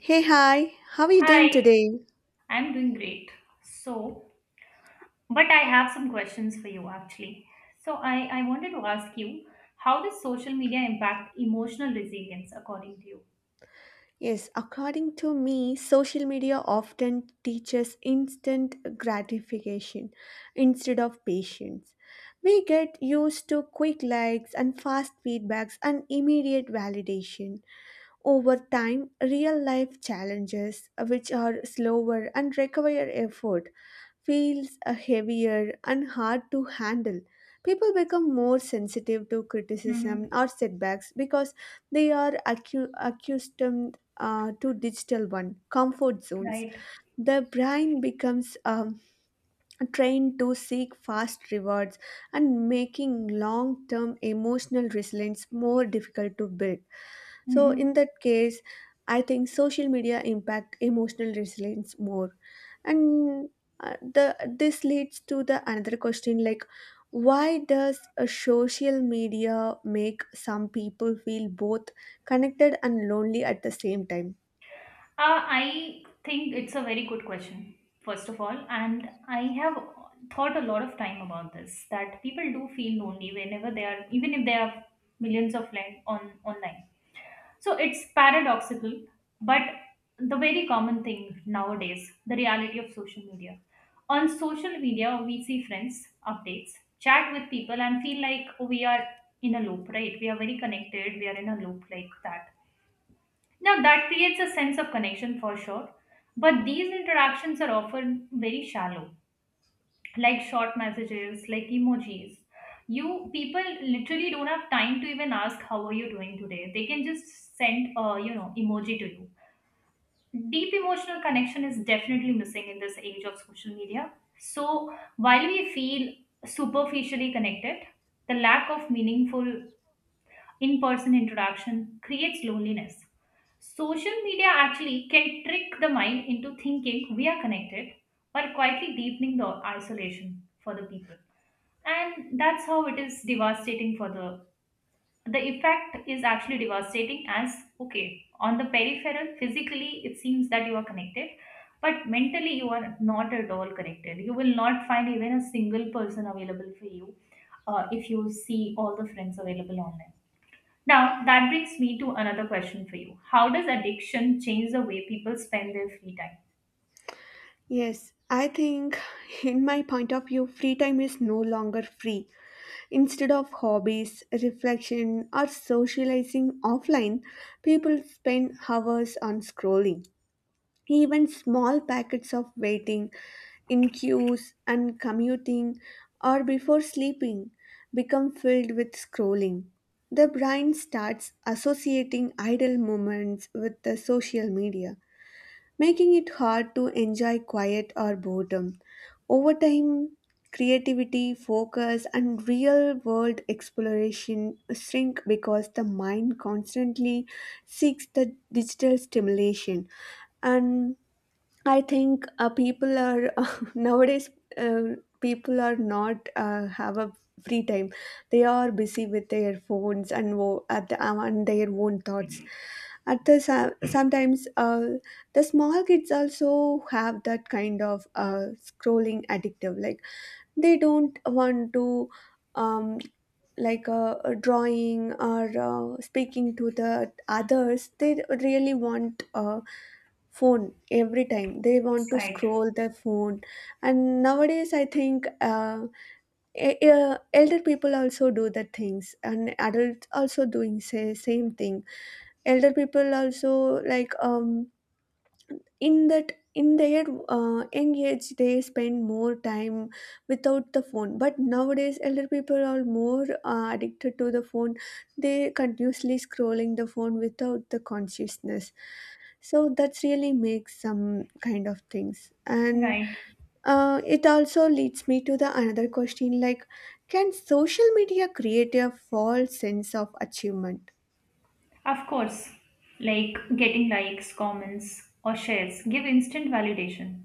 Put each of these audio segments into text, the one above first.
Hey, hi, how are you doing Hi, today? I'm doing great. So, but I have some questions for you actually. So, I wanted to ask you, how does social media impact emotional resilience according to you? Yes, according to me, social media often teaches instant gratification instead of patience. We get used to quick likes and fast feedbacks and immediate validation. Over time, real life challenges, which are slower and require effort, feels heavier and hard to handle. People become more sensitive to Mm-hmm. criticism or setbacks because they are accustomed to digital one comfort zones. Right. The brain becomes trained to seek fast rewards and making long-term emotional resilience more difficult to build. So, Mm-hmm. in that case, I think social media impact emotional resilience more. And the this leads to the another question like why does a social media make some people feel both connected and lonely at the same time? I think it's a very good question, first of all, and I have thought a lot of time about this, that people do feel lonely whenever they are, even if they have millions of friends on online. So it's paradoxical, but the very common thing nowadays, the reality of social media. On social media, we see friends, updates, chat with people, and feel like we are in a loop, right? We are very connected, we are in a loop like that. Now, that creates a sense of connection for sure, but these interactions are often very shallow, like short messages, like emojis. You people literally don't have time to even ask how are you doing today. They can just send emoji to you. Deep emotional connection is definitely missing in this age of social media. So while we feel superficially connected, the lack of meaningful in-person interaction creates loneliness. Social media actually can trick the mind into thinking we are connected while quietly deepening the isolation for the people, and that's how it is devastating for the effect is actually devastating. As, okay, on the peripheral physically it seems that you are connected, but mentally you are not at all connected. You will not find even a single person available for you, if you see all the friends available online. Now that brings me to another question for you. How does addiction change the way people spend their free time? Yes, I think in my point of view, free time is no longer free. Instead of hobbies, reflection, or socializing offline, people spend hours on scrolling. Even small packets of waiting in queues and commuting or before sleeping become filled with scrolling. The brain starts associating idle moments with the social media, making it hard to enjoy quiet or boredom. Over time, creativity, focus, and real world exploration shrink because the mind constantly seeks the digital stimulation. And I think people are nowadays uh, people are not have a free time. They are busy with their phones and and their own thoughts. At the sometimes the small kids also have that kind of scrolling addictive. Like they don't want to um, like a drawing or speaking to the others. They really want. Phone every time they want to Right. scroll their phone. And nowadays I think elder people also do the things and adults also doing say, same thing. Elder people also like in that in their young age they spend more time without the phone, but nowadays elder people are more addicted to the phone. They continuously scrolling the phone without the consciousness. So that's really makes some kind of things and Right. It also leads me to the another question like can social media create a false sense of achievement? Of course, like getting likes, comments, or shares give instant validation,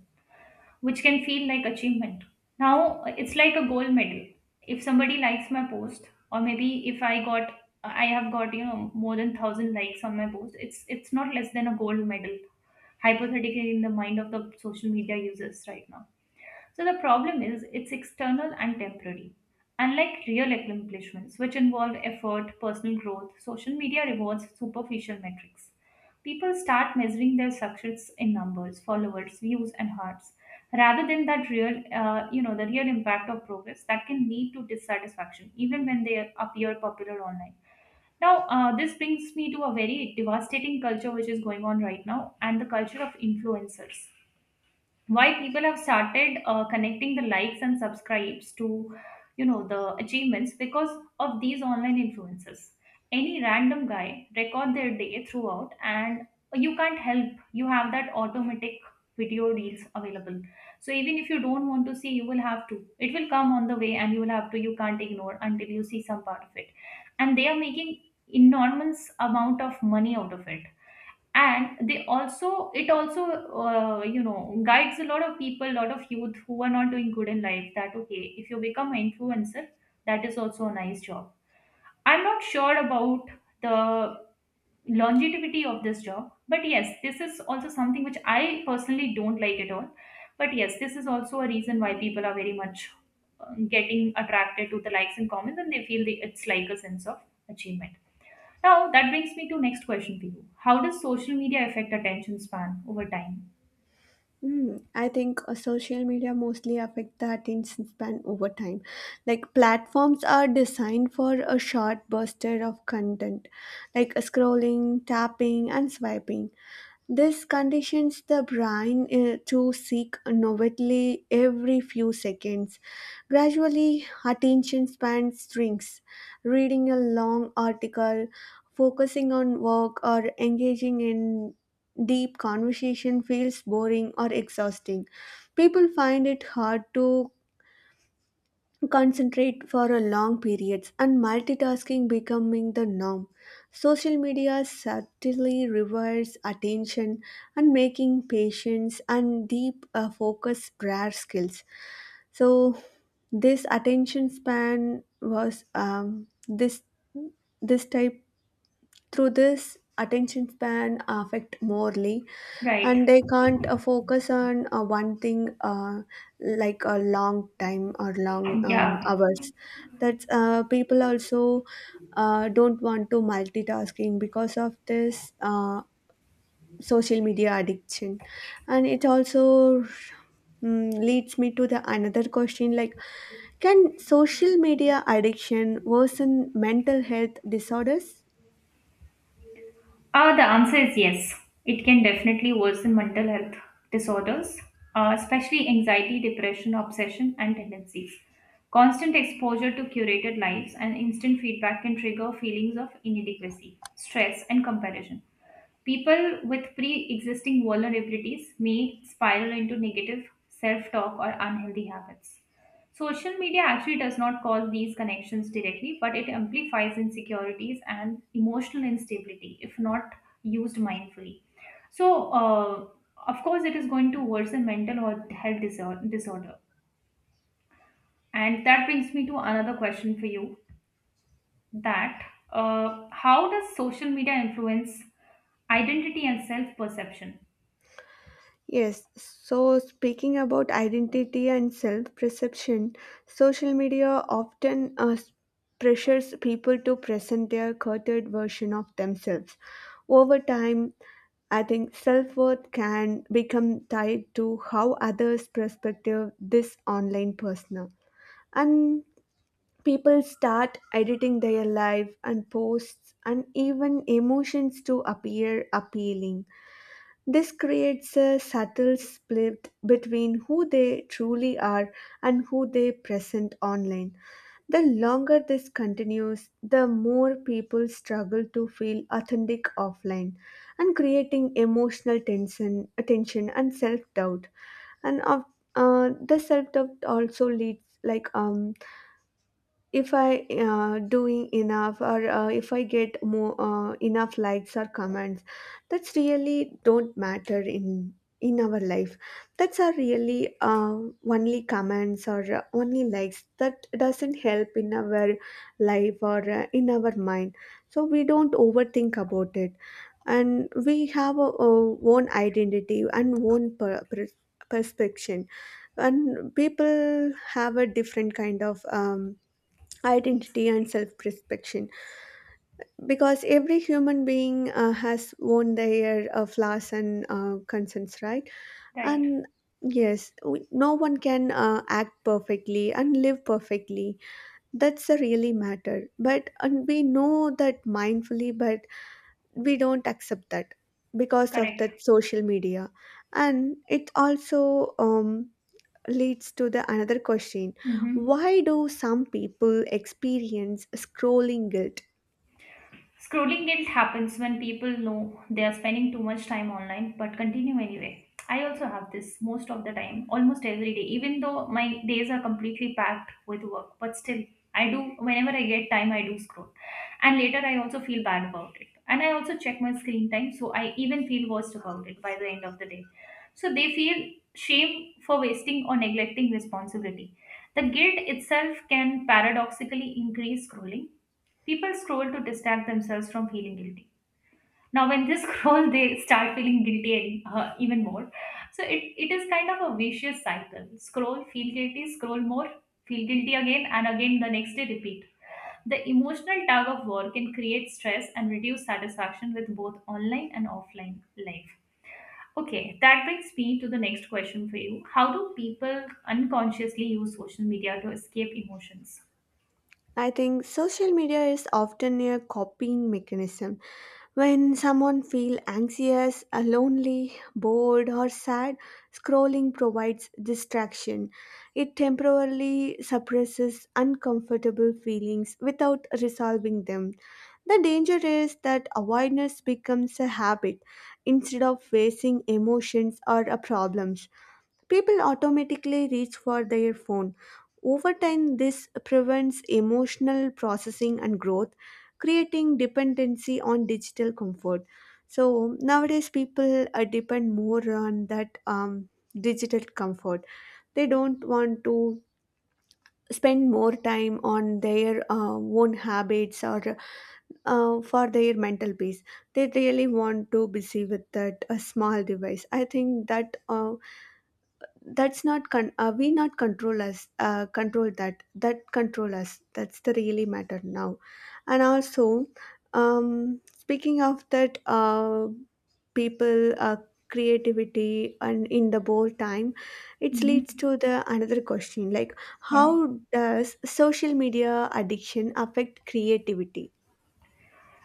which can feel like achievement. Now it's like a gold medal. If somebody likes my post, or maybe if I got I have got, more than 1,000 likes on my post, it's not less than a gold medal. Hypothetically, in the mind of the social media users right now. So the problem is it's external and temporary. Unlike real accomplishments, which involve effort, personal growth, social media rewards superficial metrics. People start measuring their success in numbers, followers, views, and hearts, rather than that the real impact of progress that can lead to dissatisfaction, even when they appear popular online. Now, this brings me to a very devastating culture which is going on right now, and the culture of influencers. Why people have started connecting the likes and subscribes to the achievements, because of these online influences, any random guy record their day throughout, and you can't help. You have that automatic video deals available, so even if you don't want to see, you will have to it will come on the way, and you will have to you can't ignore until you see some part of it. And they are making enormous amount of money out of it. And they also it also, guides a lot of youth who are not doing good in life, that okay, if you become an influencer, that is also a nice job. I'm not sure about the longevity of this job, but yes, this is also something which I personally don't like at all. But yes, this is also a reason why people are very much getting attracted to the likes and comments, and they feel it's like a sense of achievement. Now, that brings me to next question for you. How does social media affect attention span over time? Hmm, I think social media mostly affect the attention span over time. Like platforms are designed for a short burst of content, like scrolling, tapping, and swiping. This conditions the brain to seek novelty every few seconds. Gradually, attention span shrinks. Reading a long article, focusing on work, or engaging in deep conversation feels boring or exhausting. People find it hard to concentrate for a long periods and multitasking becoming the norm. Social media subtly rewards attention and making patience and deep focus rare skills. So this attention span was this this type through this attention span affect morely. Right. And they can't focus on one thing like a long time or long Yeah. hours. That's people also don't want to multitasking because of this social media addiction. And it also leads me to the another question like can social media addiction worsen mental health disorders? The answer is yes. It can definitely worsen mental health disorders, especially anxiety, depression, obsession, and tendencies. Constant exposure to curated lives and instant feedback can trigger feelings of inadequacy, stress, and comparison. People with pre existing vulnerabilities may spiral into negative self talk or unhealthy habits. Social media actually does not cause these connections directly, but it amplifies insecurities and emotional instability if not used mindfully. So, of course, it is going to worsen mental or health disorder. And that brings me to another question for you, that how does social media influence identity and self perception? Yes, so speaking about identity and self perception, social media often pressures people to present their curated version of themselves. Over time, I think self worth can become tied to how others perspective this online persona. And people start editing their life and posts and even emotions to appear appealing. This creates a subtle split between who they truly are and who they present online. The longer this continues, the more people struggle to feel authentic offline and creating emotional tension and self-doubt. And of, the self-doubt also leads like if I doing enough or if I get more enough likes or comments. That's really don't matter in our life. That's are really uh, only comments or only likes that doesn't help in our life or in our mind. So we don't overthink about it, and we have our own identity and own perspective. And people have a different kind of identity and self-prospection, because every human being has own their flaws and concerns, right? Right. And yes, no one can act perfectly and live perfectly. That's the really matter, but and we know that mindfully, but we don't accept that because of Correct. that social media. And it also leads to the another question Mm-hmm. why do some people experience scrolling guilt? Scrolling guilt happens when people know they are spending too much time online but continue anyway. I also have this most of the time, almost every day, even though my days are completely packed with work. But still, I do, whenever I get time, I do scroll. And later, I also feel bad about it. And I also check my screen time, so I even feel worse about it by the end of the day. So they feel shame for wasting or neglecting responsibility. The guilt itself can paradoxically increase scrolling. People scroll to distract themselves from feeling guilty. Now, when they scroll, they start feeling guilty and, even more. So it is kind of a vicious cycle. Scroll, feel guilty, scroll more, feel guilty again, and again the next day repeat. The emotional tug of war can create stress and reduce satisfaction with both online and offline life. Okay, that brings me to the next question for you. How do people unconsciously use social media to escape emotions? I think social media is often a copying mechanism. When someone feels anxious, lonely, bored, or sad, scrolling provides distraction. It temporarily suppresses uncomfortable feelings without resolving them. The danger is that avoidance becomes a habit instead of facing emotions or problems. People automatically reach for their phone. Over time, this prevents emotional processing and growth, creating dependency on digital comfort. So nowadays, people depend more on that digital comfort. They don't want to spend more time on their own habits or for their mental peace. They really want to busy with that a small device. I think that. That's not control us, control us. That's the really matter now. And also speaking of that people creativity and in the board time it leads Hmm. to the another question like Yeah. how does social media addiction affect creativity?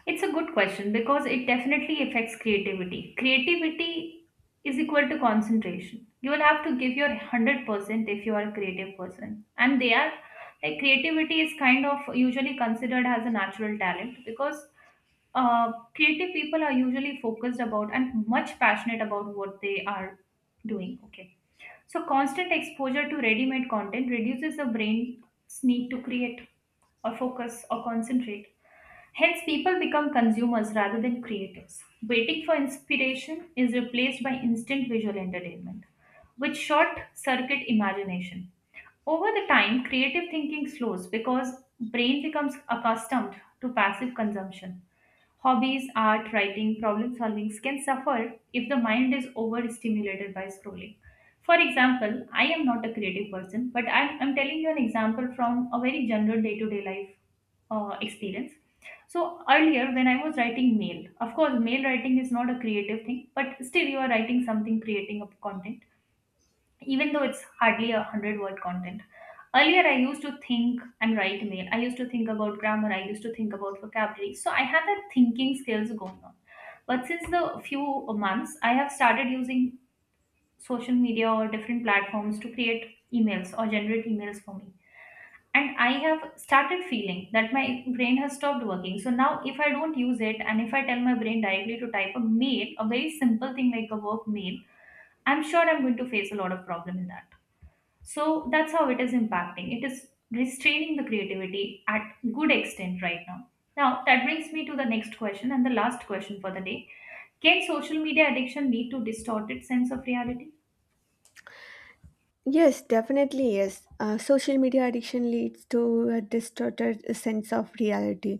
It's a good question because it definitely affects creativity. Creativity is equal to concentration. You will have to give your 100% if you are a creative person. And they are, like, creativity is kind of usually considered as a natural talent, because creative people are usually focused about and much passionate about what they are doing. Okay. So constant exposure to ready made content reduces the brain's need to create or focus or concentrate. Hence, people become consumers rather than creators. Waiting for inspiration is replaced by instant visual entertainment, which short circuit imagination. Over the time, creative thinking slows because brain becomes accustomed to passive consumption. Hobbies, art, writing, problem solving can suffer if the mind is overstimulated by scrolling. For example, I am not a creative person, but I am telling you an example from a very general day to day life experience. So earlier, when I was writing mail, of course, mail writing is not a creative thing, but still you are writing something, creating a content, even though it's hardly a 100 word content. Earlier I used to think and write mail, I used to think about grammar, I used to think about vocabulary, so I had that thinking skills going on. But since the few months I have started using social media or different platforms to create emails or generate emails for me, and I have started feeling that my brain has stopped working. So now if I don't use it, and if I tell my brain directly to type a mail, a very simple thing like a work mail, I'm sure I'm going to face a lot of problem in that. So that's how it is impacting. It is restraining the creativity at good extent right now. Now that brings me to the next question and the last question for the day. Can social media addiction lead to distorted sense of reality? Yes, definitely yes. Social media addiction leads to a distorted sense of reality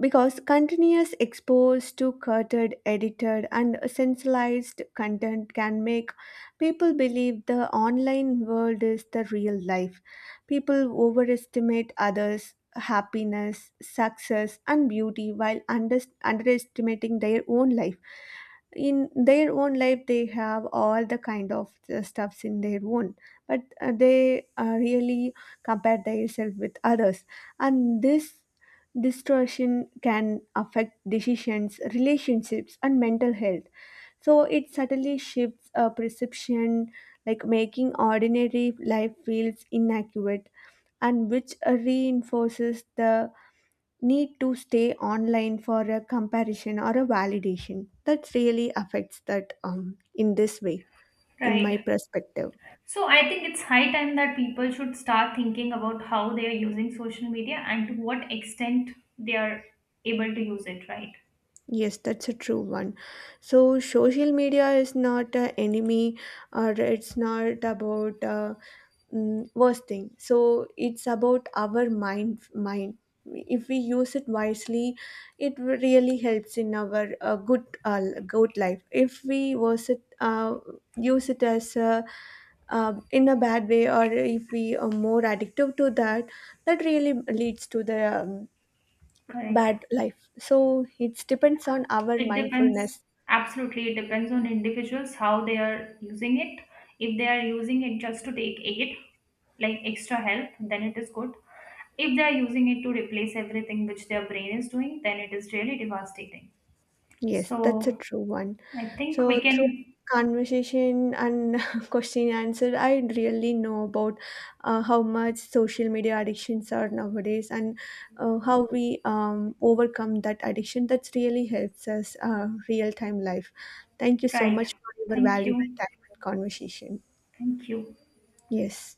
because continuous exposed to curated, edited, and sensationalized content can make people believe the online world is the real life. People overestimate others' happiness, success, and beauty while underestimating their own life. In their own life they have all the kind of stuffs in their own, but they really compare themselves with others. And this distortion can affect decisions, relationships, and mental health. So it subtly shifts a perception, like making ordinary life feels inaccurate, and which reinforces the need to stay online for a comparison or a validation that really affects that in this way, in my Right. perspective. So I think it's high time that people should start thinking about how they are using social media and to what extent they are able to use it, right? Yes, that's a true one. So social media is not an enemy, or it's not about worst thing. So it's about our mind. If we use it wisely, it really helps in our good life. If we use it as a in a bad way, or if we are more addictive to that, that really leads to the Correct. bad life. So it depends on our It depends. mindfulness. Absolutely, it depends on individuals how they are using it. If they are using it just to take aid, like extra help, then it is good. If they are using it to replace everything which their brain is doing, then it is really devastating. Yes, that's a So true one. I think we So through can, conversation and question answer I really know about how much social media addictions are nowadays and how we overcome that addiction. That really helps us real time life. Thank you so right. much for your Thank valuable you. time and conversation. Thank you. Yes.